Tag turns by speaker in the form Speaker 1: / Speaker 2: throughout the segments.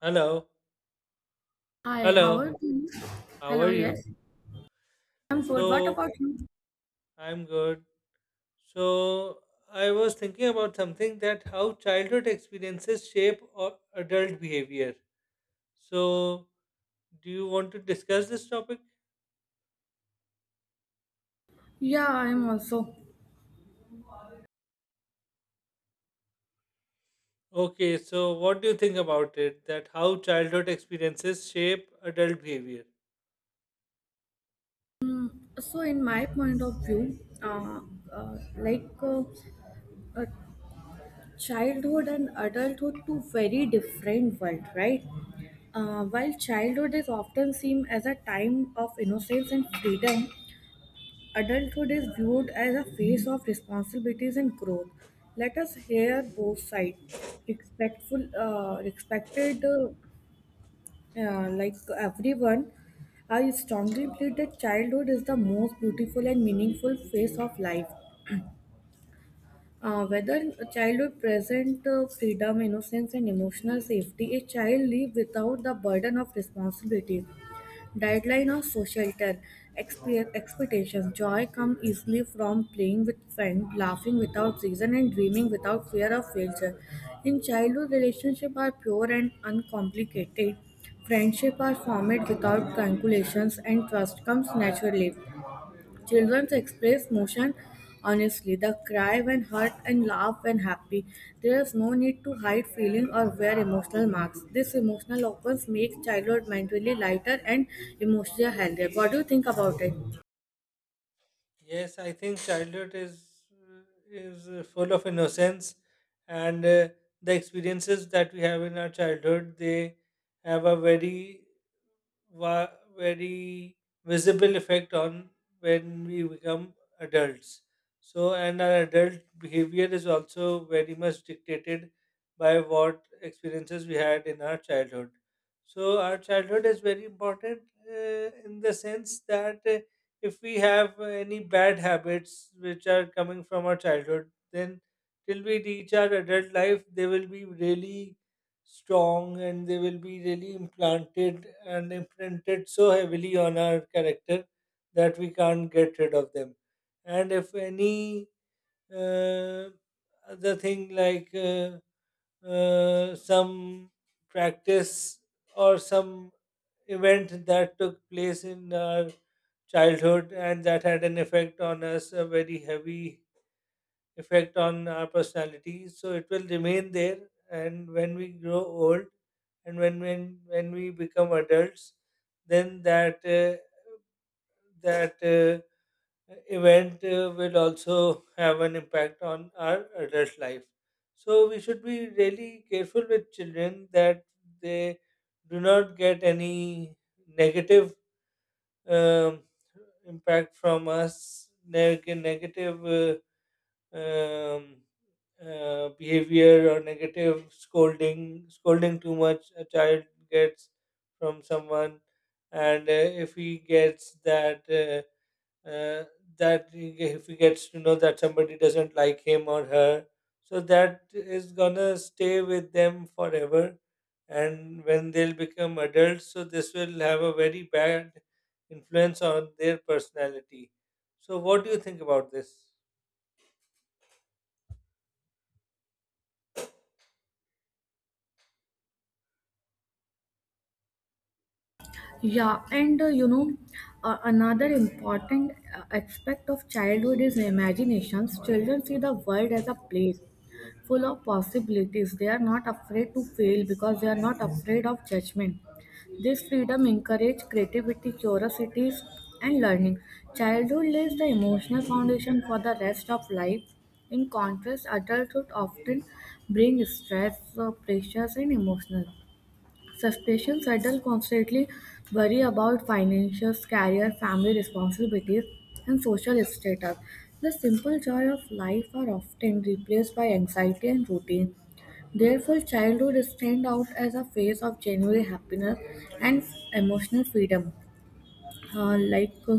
Speaker 1: Hello,
Speaker 2: Hi, how
Speaker 1: hello,
Speaker 2: are you?
Speaker 1: how
Speaker 2: Hello,
Speaker 1: are you?
Speaker 2: yes. I'm good. What
Speaker 1: So,
Speaker 2: about you?
Speaker 1: I'm good. So, I was thinking about something, that how childhood experiences shape or adult behavior. So, do you want to discuss this topic?
Speaker 2: Yeah, I'm also.
Speaker 1: Okay, so what do you think about it? That how childhood experiences shape adult behavior?
Speaker 2: Mm, so, in my point of view, uh, like uh, uh, childhood and adulthood, two very different world, right? While childhood is often seen as a time of innocence and freedom, adulthood is viewed as a phase of responsibilities and growth. Let us hear both sides. Respected yeah, like everyone, I strongly believe that childhood is the most beautiful and meaningful phase of life. Whether a childhood present freedom, innocence, and emotional safety, a child lives without the burden of responsibility deadline or societal expectations. Joy comes easily from playing with friends, laughing without reason, and dreaming without fear of failure. In childhood, relationships are pure and uncomplicated. Friendship are formed without calculations, and trust comes naturally. Children express emotion honestly. They cry when hurt and laugh when happy. There is no need to hide feeling or wear emotional masks. This emotional opens makes childhood mentally lighter and emotionally healthier. What do you think about it?
Speaker 1: Yes, I think childhood uh, is full of innocence, and the experiences that we have in our childhood, they have a very va- very visible effect on when we become adults. So, and our adult behavior is also very much dictated by what experiences we had in our childhood. So, our childhood is very important in the sense that if we have any bad habits which are coming from our childhood, then till we reach our adult life, they will be really strong, and they will be really implanted and imprinted so heavily on our character that we can't get rid of them. And if any uh, other thing, like some practice or some event that took place in our childhood, and that had an effect on us, a very heavy effect on our personality. So it will remain there, and when we grow old, and when we become adults, then that event will also have an impact on our adult life. So we should be really careful with children, that they do not get any negative um, impact from us, negative uh, um, behavior, or negative scolding. Scolding too much a child gets from someone, and if he gets that uh, that he if he gets to know that somebody doesn't like him or her, so that is gonna stay with them forever. And when they'll become adults, so this will have a very bad influence on their personality. So, what do you think about this?
Speaker 2: Yeah, and another important aspect of childhood is imaginations. Children see the world as a place full of possibilities. They are not afraid to fail because they are not afraid of judgment. This freedom encourages creativity, curiosity, and learning. Childhood lays the emotional foundation for the rest of life. In contrast, adulthood often brings stress, pressures, and emotional suspicious adults constantly worry about finances, career, family responsibilities, and social status. The simple joy of life are often replaced by anxiety and routine. Therefore, childhood stands out as a phase of genuine happiness and emotional freedom. Like,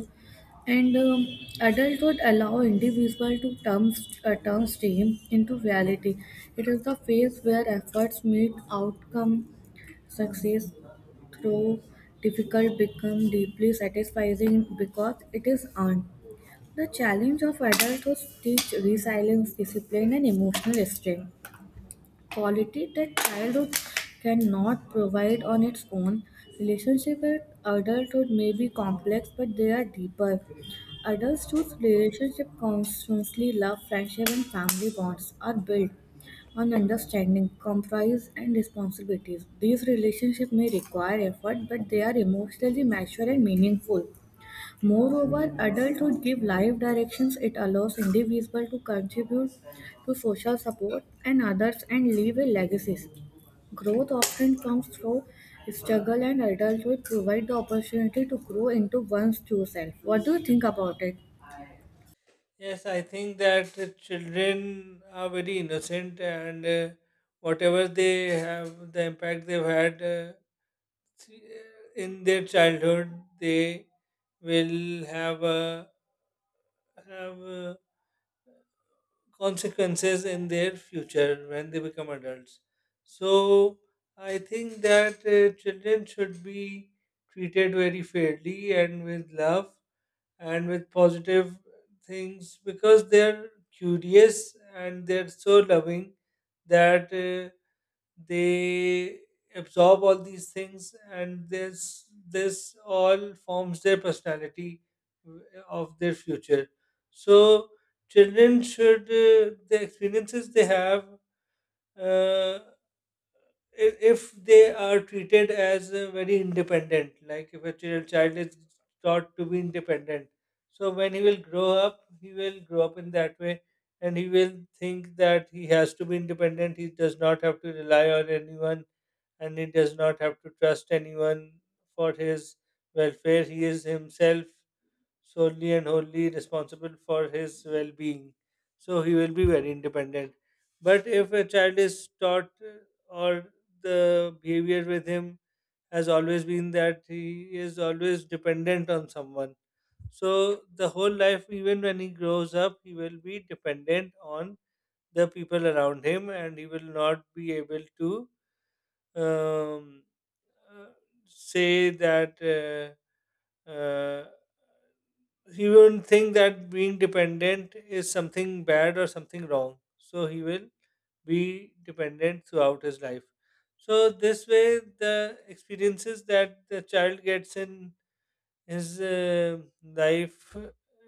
Speaker 2: and Adulthood allow individual to turn dream into reality. It is the phase where efforts meet outcome, success, through difficult become deeply satisfying because it is earned. The challenge of adulthood teach resilience, discipline, and emotional strength quality that childhood cannot provide on its own. Relationship with adulthood may be complex, but they are deeper. Adults choose relationship constantly love, friendship, and family bonds are built on understanding, compromise, and responsibilities. These relationships may require effort, but they are emotionally mature and meaningful. Moreover, adulthood gives life directions. It allows individuals to contribute to social support and others and leave a legacy. Growth often comes through struggle, and adulthood provide the opportunity to grow into one's true self. What do you think about it?
Speaker 1: Yes, I think that the children are very innocent, and whatever they have, the impact they've had th- in their childhood, they will have consequences in their future when they become adults. So I think that children should be treated very fairly and with love, and with positive things, because they're curious and they're so loving that they absorb all these things, and this all forms their personality w- of their future. So children should, the experiences they have, uh, if they are treated as very independent, like if a child is taught to be independent, so when he will grow up, he will grow up in that way, and he will think that he has to be independent. He does not have to rely on anyone, and he does not have to trust anyone for his welfare. He is himself solely and wholly responsible for his well being. So he will be very independent. But if a child is taught or the behavior with him has always been that he is always dependent on someone, so the whole life, even when he grows up, he will be dependent on the people around him, and he will not be able to um, uh, say that. Uh, uh, he won't think that being dependent is something bad or something wrong. So he will be dependent throughout his life. So this way, the experiences that the child gets in his life,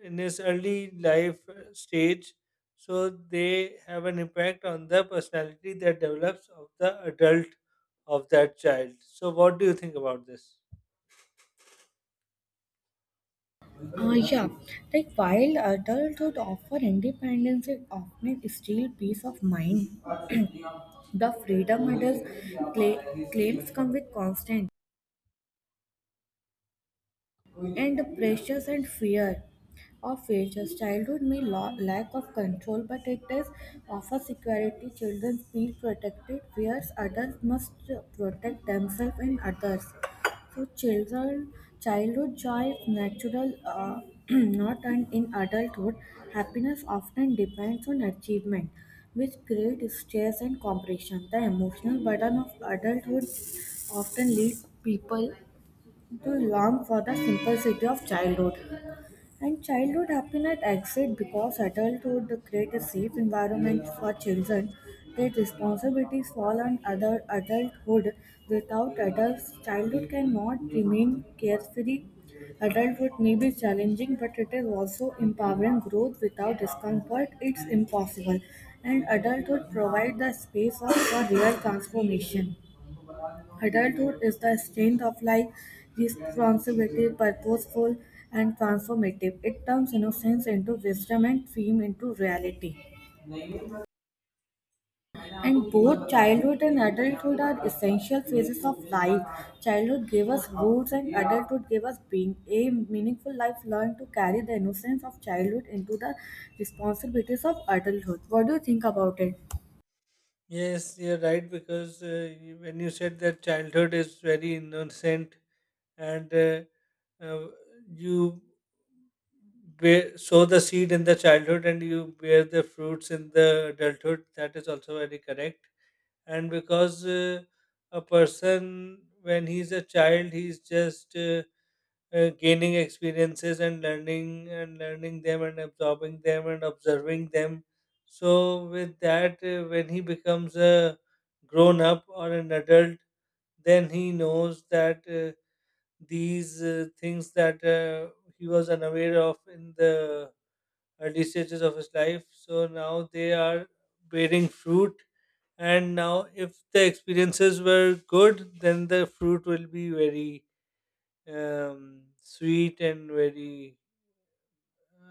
Speaker 1: in his early life stage, so they have an impact on the personality that develops of the adult of that child. So what do you think about this?
Speaker 2: Yeah, like while adulthood offer independence, it often steals peace of mind. The freedom it is claims come with constant and the pressures and fear of failures. Childhood may lack of control, but it does offer security. Children feel protected, whereas adults must protect themselves and others. So, childhood joy is natural, not earned in adulthood. Happiness often depends on achievement, which creates stress and compression. The emotional burden of adulthood often leads people to long for the simplicity of childhood. And childhood happiness exists because adulthood creates a safe environment for children. Their responsibilities fall on other adulthood. Without adults, childhood cannot remain carefree. Adulthood may be challenging, but it is also empowering growth without discomfort. It's impossible. And adulthood provides the for real transformation. Adulthood is the strength of life, responsibility, purposeful, and transformative. It turns innocence into wisdom and dream into reality. And both childhood and adulthood are essential phases of life. Childhood gave us roots, and adulthood gave us being. A meaningful life learned to carry the innocence of childhood into the responsibilities of adulthood. What do you think about it?
Speaker 1: Yes, you're right, because when you said that childhood is very innocent, and uh, you bear, sow the seed in the childhood and you bear the fruits in the adulthood, that is also very correct. And because a person, when he's a child, he's just gaining experiences and learning them and absorbing them and observing them. So with that, when he becomes a grown up or an adult, then he knows that these things that he was unaware of in the early stages of his life. So now they are bearing fruit. And now, if the experiences were good, then the fruit will be very sweet and very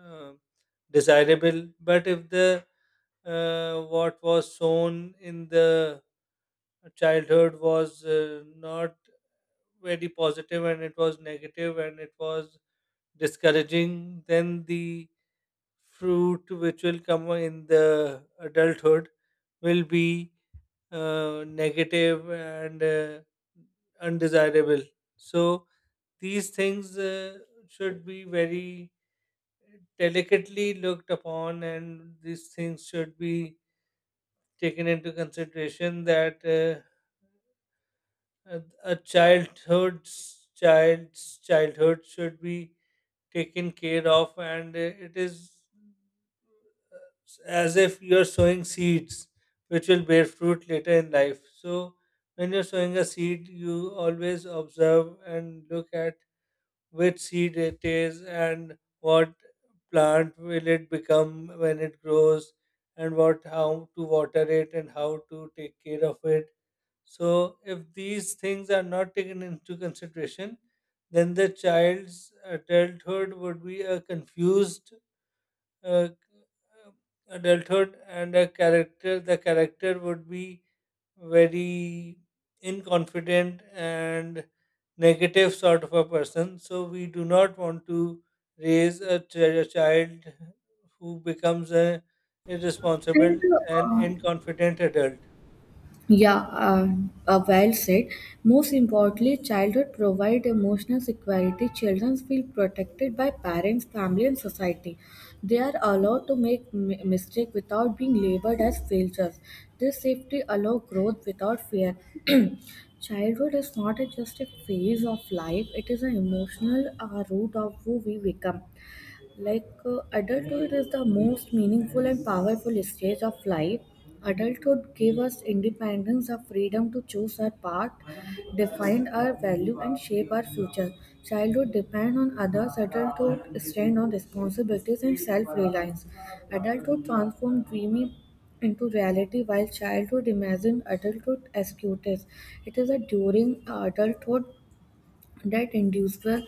Speaker 1: uh, desirable, but if the what was sown in the childhood was not very positive, and it was negative, and it was discouraging, then the fruit which will come in the adulthood will be negative and undesirable. So these things should be very delicately looked upon, and these things should be taken into consideration, that a a childhood's child's childhood should be taken care of, and it is as if you are sowing seeds which will bear fruit later in life. So, when you're sowing a seed, you always observe and look at which seed it is, and what plant will it become when it grows, and what, how to water it and how to take care of it. So if these things are not taken into consideration, then the child's adulthood would be a confused uh, adulthood, and a character, the character would be very inconfident and negative sort of a person. So we do not want to raise a, a child who becomes a
Speaker 2: And
Speaker 1: irresponsible and
Speaker 2: uh,
Speaker 1: inconfident adult.
Speaker 2: Yeah, uh, well said. Most importantly, childhood provide emotional security. Children feel protected by parents, family, and society. They are allowed to make mistake without being labeled as failures. This safety allow growth without fear. Childhood is not a- just a phase of life; it is an emotional root of who we become like adulthood is the most meaningful and powerful stage of life. Adulthood gave us independence, the freedom to choose our path, define our value and shape our future. Childhood depends on others, adulthood stand on responsibilities and self-reliance. Adulthood transforms dreamy into reality while childhood imagines adulthood as cutest. It is a during adulthood that individuals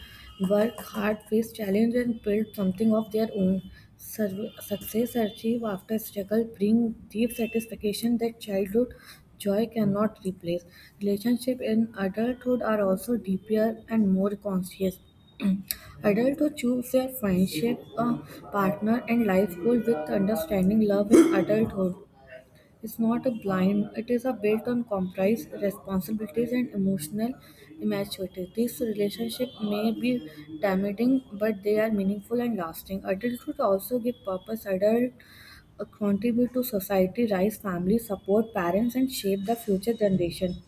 Speaker 2: work hard, face challenge, and build something of their own. Success achieved after struggle bring deep satisfaction that childhood joy cannot replace. Relationships in adulthood are also deeper and more conscious. Adults who choose their friendship, a partner, and life goal with understanding love in adulthood. It's not a blame, it is a built on compromise, responsibilities, and emotional immaturity. These relationships may be damaging, but they are meaningful and lasting. Adulthood also give purpose. Adult contribute to society, raise family, support parents, and shape the future generation.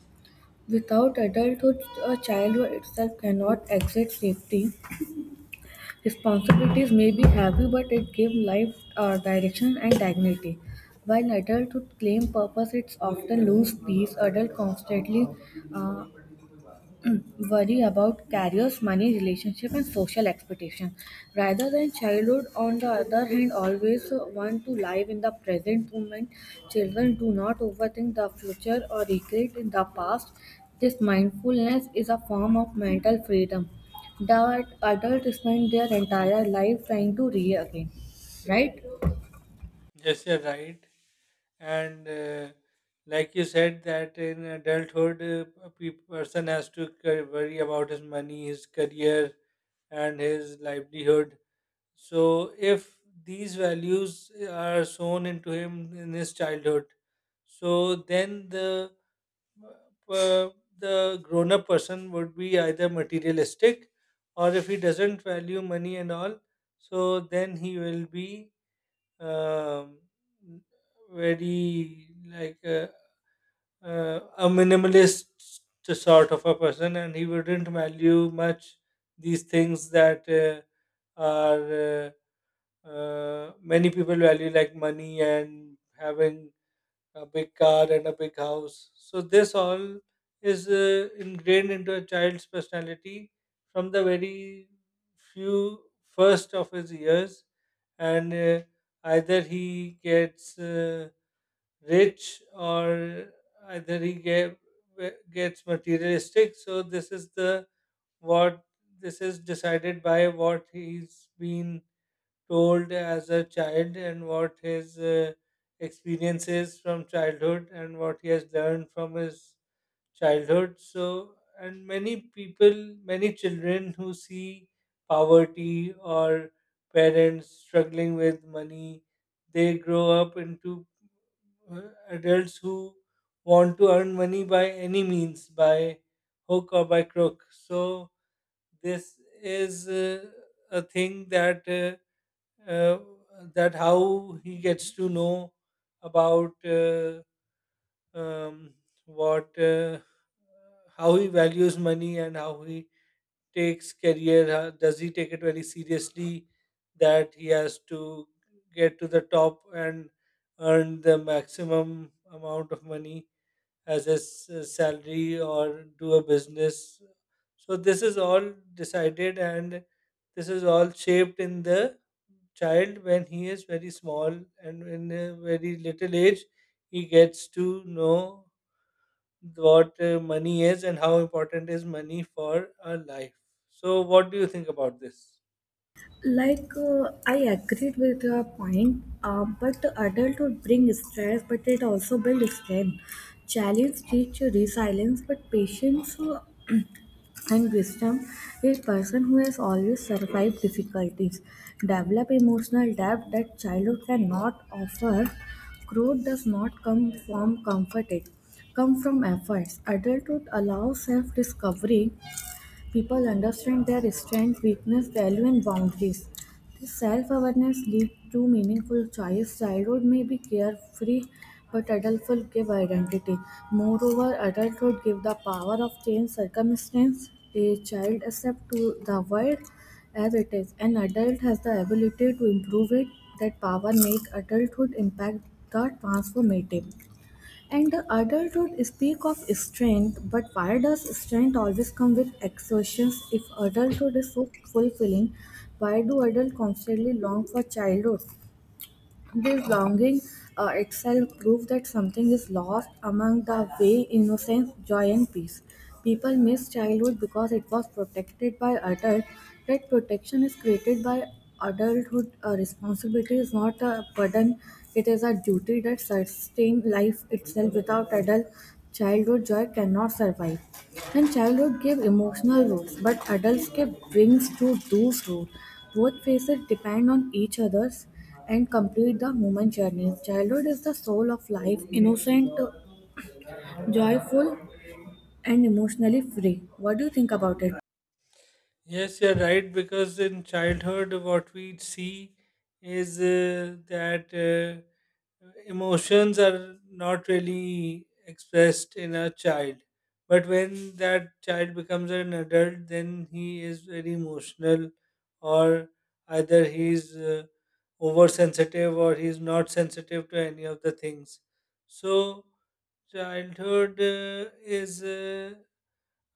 Speaker 2: Without adulthood, a child itself cannot exit safety. Responsibilities may be heavy, but it gives life direction and dignity. While adulthood claim purpose, it's often lose peace. Adults constantly uh, worry about careers, money, relationship, and social expectation. Rather than childhood, on the other hand, always want to live in the present moment. Children do not overthink the future or regret in the past. This mindfulness is a form of mental freedom that adults spend their entire life trying to regain. Right?
Speaker 1: Yes, you're right. And like you said, that in adulthood, person has to worry about his money, his career, and his livelihood. So, if these values are sown into him in his childhood, so then uh, the grown up person would be either materialistic, or if he doesn't value money and all, so then he will be um, very like a minimalist sort of a person, and he wouldn't value much these things that are. Uh, Many people value like money and having a big car and a big house. So this all is ingrained into a child's personality from the very few first of his years, and either he gets rich, or either he get, gets materialistic. So this is the what, this is decided by what he's been told as a child, and what his experiences from childhood, and what he has learned from his childhood. So, and many people, many children who see poverty or parents struggling with money, they grow up into uh, adults who want to earn money by any means, by hook or by crook. So this is a thing that uh, that how he gets to know about um, what, how he values money, and how he takes career, how, does he take it very seriously, that he has to get to the top and earn the maximum amount of money as his salary, or do a business. So this is all decided and this is all shaped in the child when he is very small, and in a very little age he gets to know what money is, and how important is money for our life. So what do you think about this?
Speaker 2: Like, I agreed with your point, but adulthood brings stress, but it also builds strength. Challenge teach you resilience, but patience and wisdom. A person who has always survived difficulties develop emotional depth that childhood cannot offer. Growth does not come from comfort; it come from efforts. Adulthood allows self-discovery. People understand their strengths, weakness, value, and boundaries. This self-awareness leads to meaningful choice. Childhood may be carefree, but adulthood give identity. Moreover, adulthood give the power of change circumstance. A child accepts to the world as it is. An adult has the ability to improve it. That power make adulthood impact the transformative. And adulthood speak of strength, but why does strength always come with exertions? If adulthood is so fulfilling, why do adults constantly long for childhood? This longing itself proves that something is lost among the way, innocence, joy, and peace. People miss childhood because it was protected by adults. That protection is created by adulthood. A responsibility is not a burden, it is a duty that sustains life itself. Without adult childhood, joy cannot survive. And childhood gives emotional roots, but adults give brings to those roots. Both phases depend on each other's and complete the human journey. Childhood is the soul of life, innocent, joyful, and emotionally free. What do you think about it?
Speaker 1: Yes, you're right. Because in childhood, what we see is that emotions are not really expressed in a child, but when that child becomes an adult, then he is very emotional, or either he's oversensitive, or he's not sensitive to any of the things. So childhood is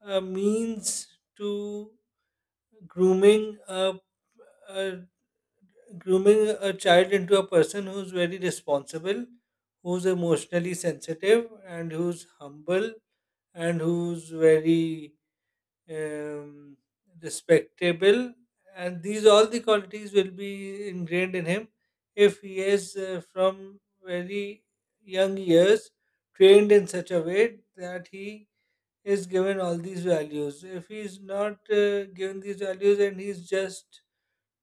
Speaker 1: a means to grooming a. Grooming a child into a person who's very responsible, who's emotionally sensitive, and who's humble, and who's very um, respectable. And these all the qualities will be ingrained in him if he is, from very young years, trained in such a way that he is given all these values. If he is not given these values, and he's just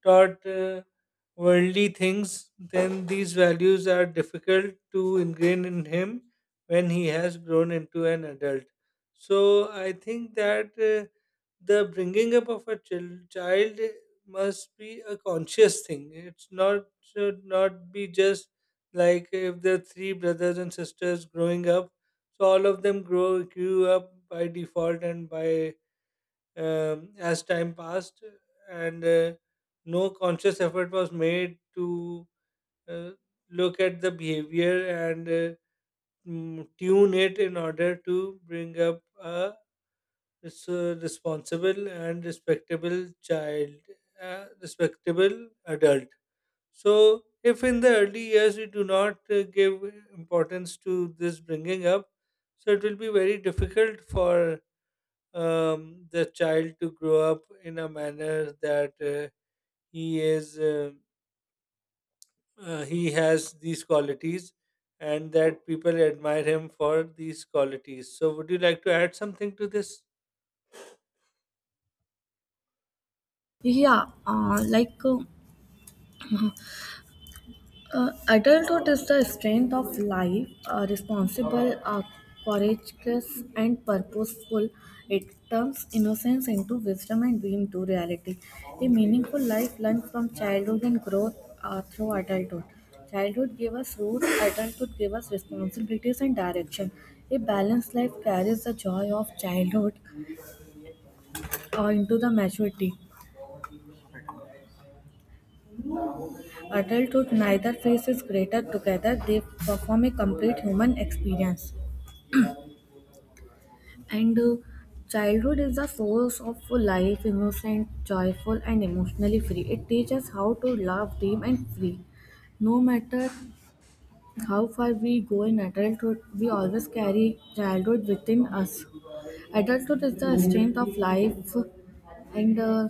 Speaker 1: taught worldly things, then these values are difficult to ingrain in him when he has grown into an adult. So I think that the bringing up of a child must be a conscious thing. It's not, should not be just like if there are three brothers and sisters growing up, so all of them grow grew up by default and by, as time passed, and no conscious effort was made to uh, look at the behavior, and tune it in order to bring up a responsible and respectable child, respectable adult. So, if in the early years we do not give importance to this bringing up, so it will be very difficult for the child to grow up in a manner that he is uh, he has these qualities, and that people admire him for these qualities. So would you like to add something to this?
Speaker 2: Yeah, adulthood is the strength of life, responsible, courageous, and purposeful. It turns innocence into wisdom and dream to reality. A meaningful life learned from childhood and growth through adulthood. Childhood gave us roots, adulthood gave us responsibilities and direction. A balanced life carries the joy of childhood into the maturity. Adulthood neither phase is greater together, they perform a complete human experience. And Childhood is the source of life, innocent, joyful, and emotionally free. It teaches how to love, dream, and free. No matter how far we go in adulthood, we always carry childhood within us. Adulthood is the strength of life, and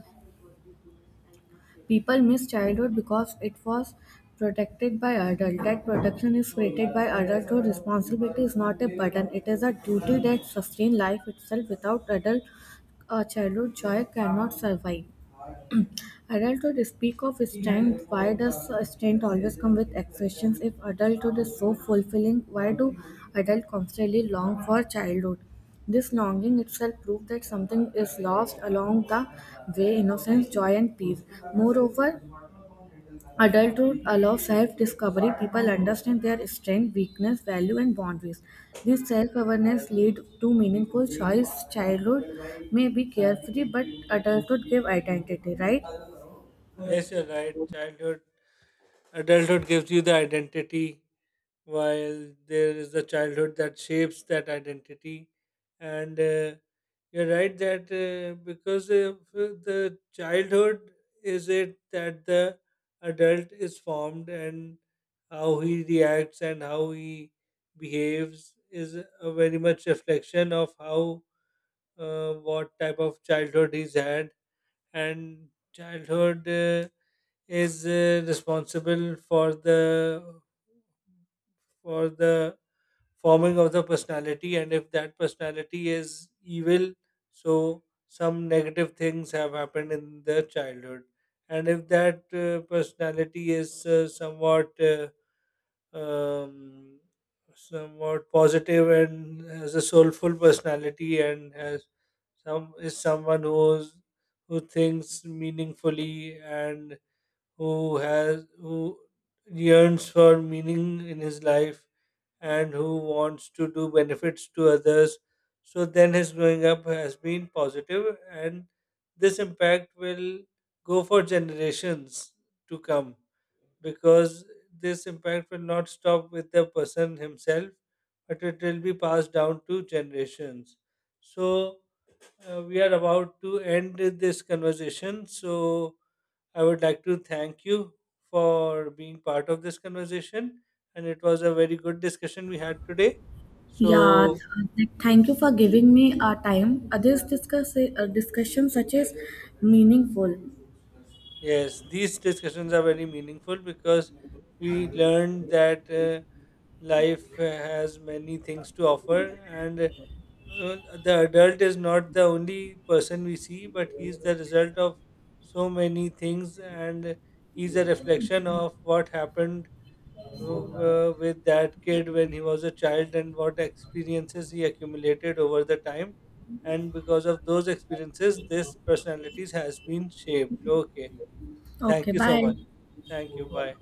Speaker 2: people miss childhood because it was protected by adults. That protection is created by adulthood. Responsibility is not a burden, it is a duty that sustains life itself. Without adult childhood, joy cannot survive. Adulthood speak of strength. Why does strength always come with exceptions? If adulthood is so fulfilling, why do adults constantly long for childhood? This longing itself proves that something is lost along the way innocence, joy, and peace. Moreover, adulthood allows self discovery. People understand their strength, weakness, value, and boundaries. This self awareness leads to meaningful choice. Childhood may be carefree, but adulthood gives identity, right?
Speaker 1: Yes, you're right. Childhood, adulthood gives you the identity, while there is the childhood that shapes that identity. And you're right that because of the childhood is it that the adult is formed, and how he reacts and how he behaves is a very much reflection of how, what type of childhood he's had. And childhood is responsible for the, for the forming of the personality. And if that personality is evil, so some negative things have happened in their childhood. And if that personality is somewhat um, somewhat positive, and has a soulful personality, and has some, is someone who's, who thinks meaningfully, and who has, who yearns for meaning in his life, and who wants to do benefits to others, so then his growing up has been positive, and this impact will go for generations to come, because this impact will not stop with the person himself, but it will be passed down to generations. So we are about to end this conversation. So I would like to thank you for being part of this conversation. And it was a very good discussion we had today.
Speaker 2: Yeah,
Speaker 1: So,
Speaker 2: thank you for giving me our time. This discussion such is meaningful.
Speaker 1: yes, these discussions are very meaningful, because we learned that life has many things to offer. And the adult is not the only person we see, but he's the result of so many things, and he's a reflection of what happened with that kid when he was a child, and what experiences he accumulated over the time, and because of those experiences this personalities has been shaped. Okay,
Speaker 2: Okay,
Speaker 1: thank you so
Speaker 2: bye.
Speaker 1: much. Thank you, bye.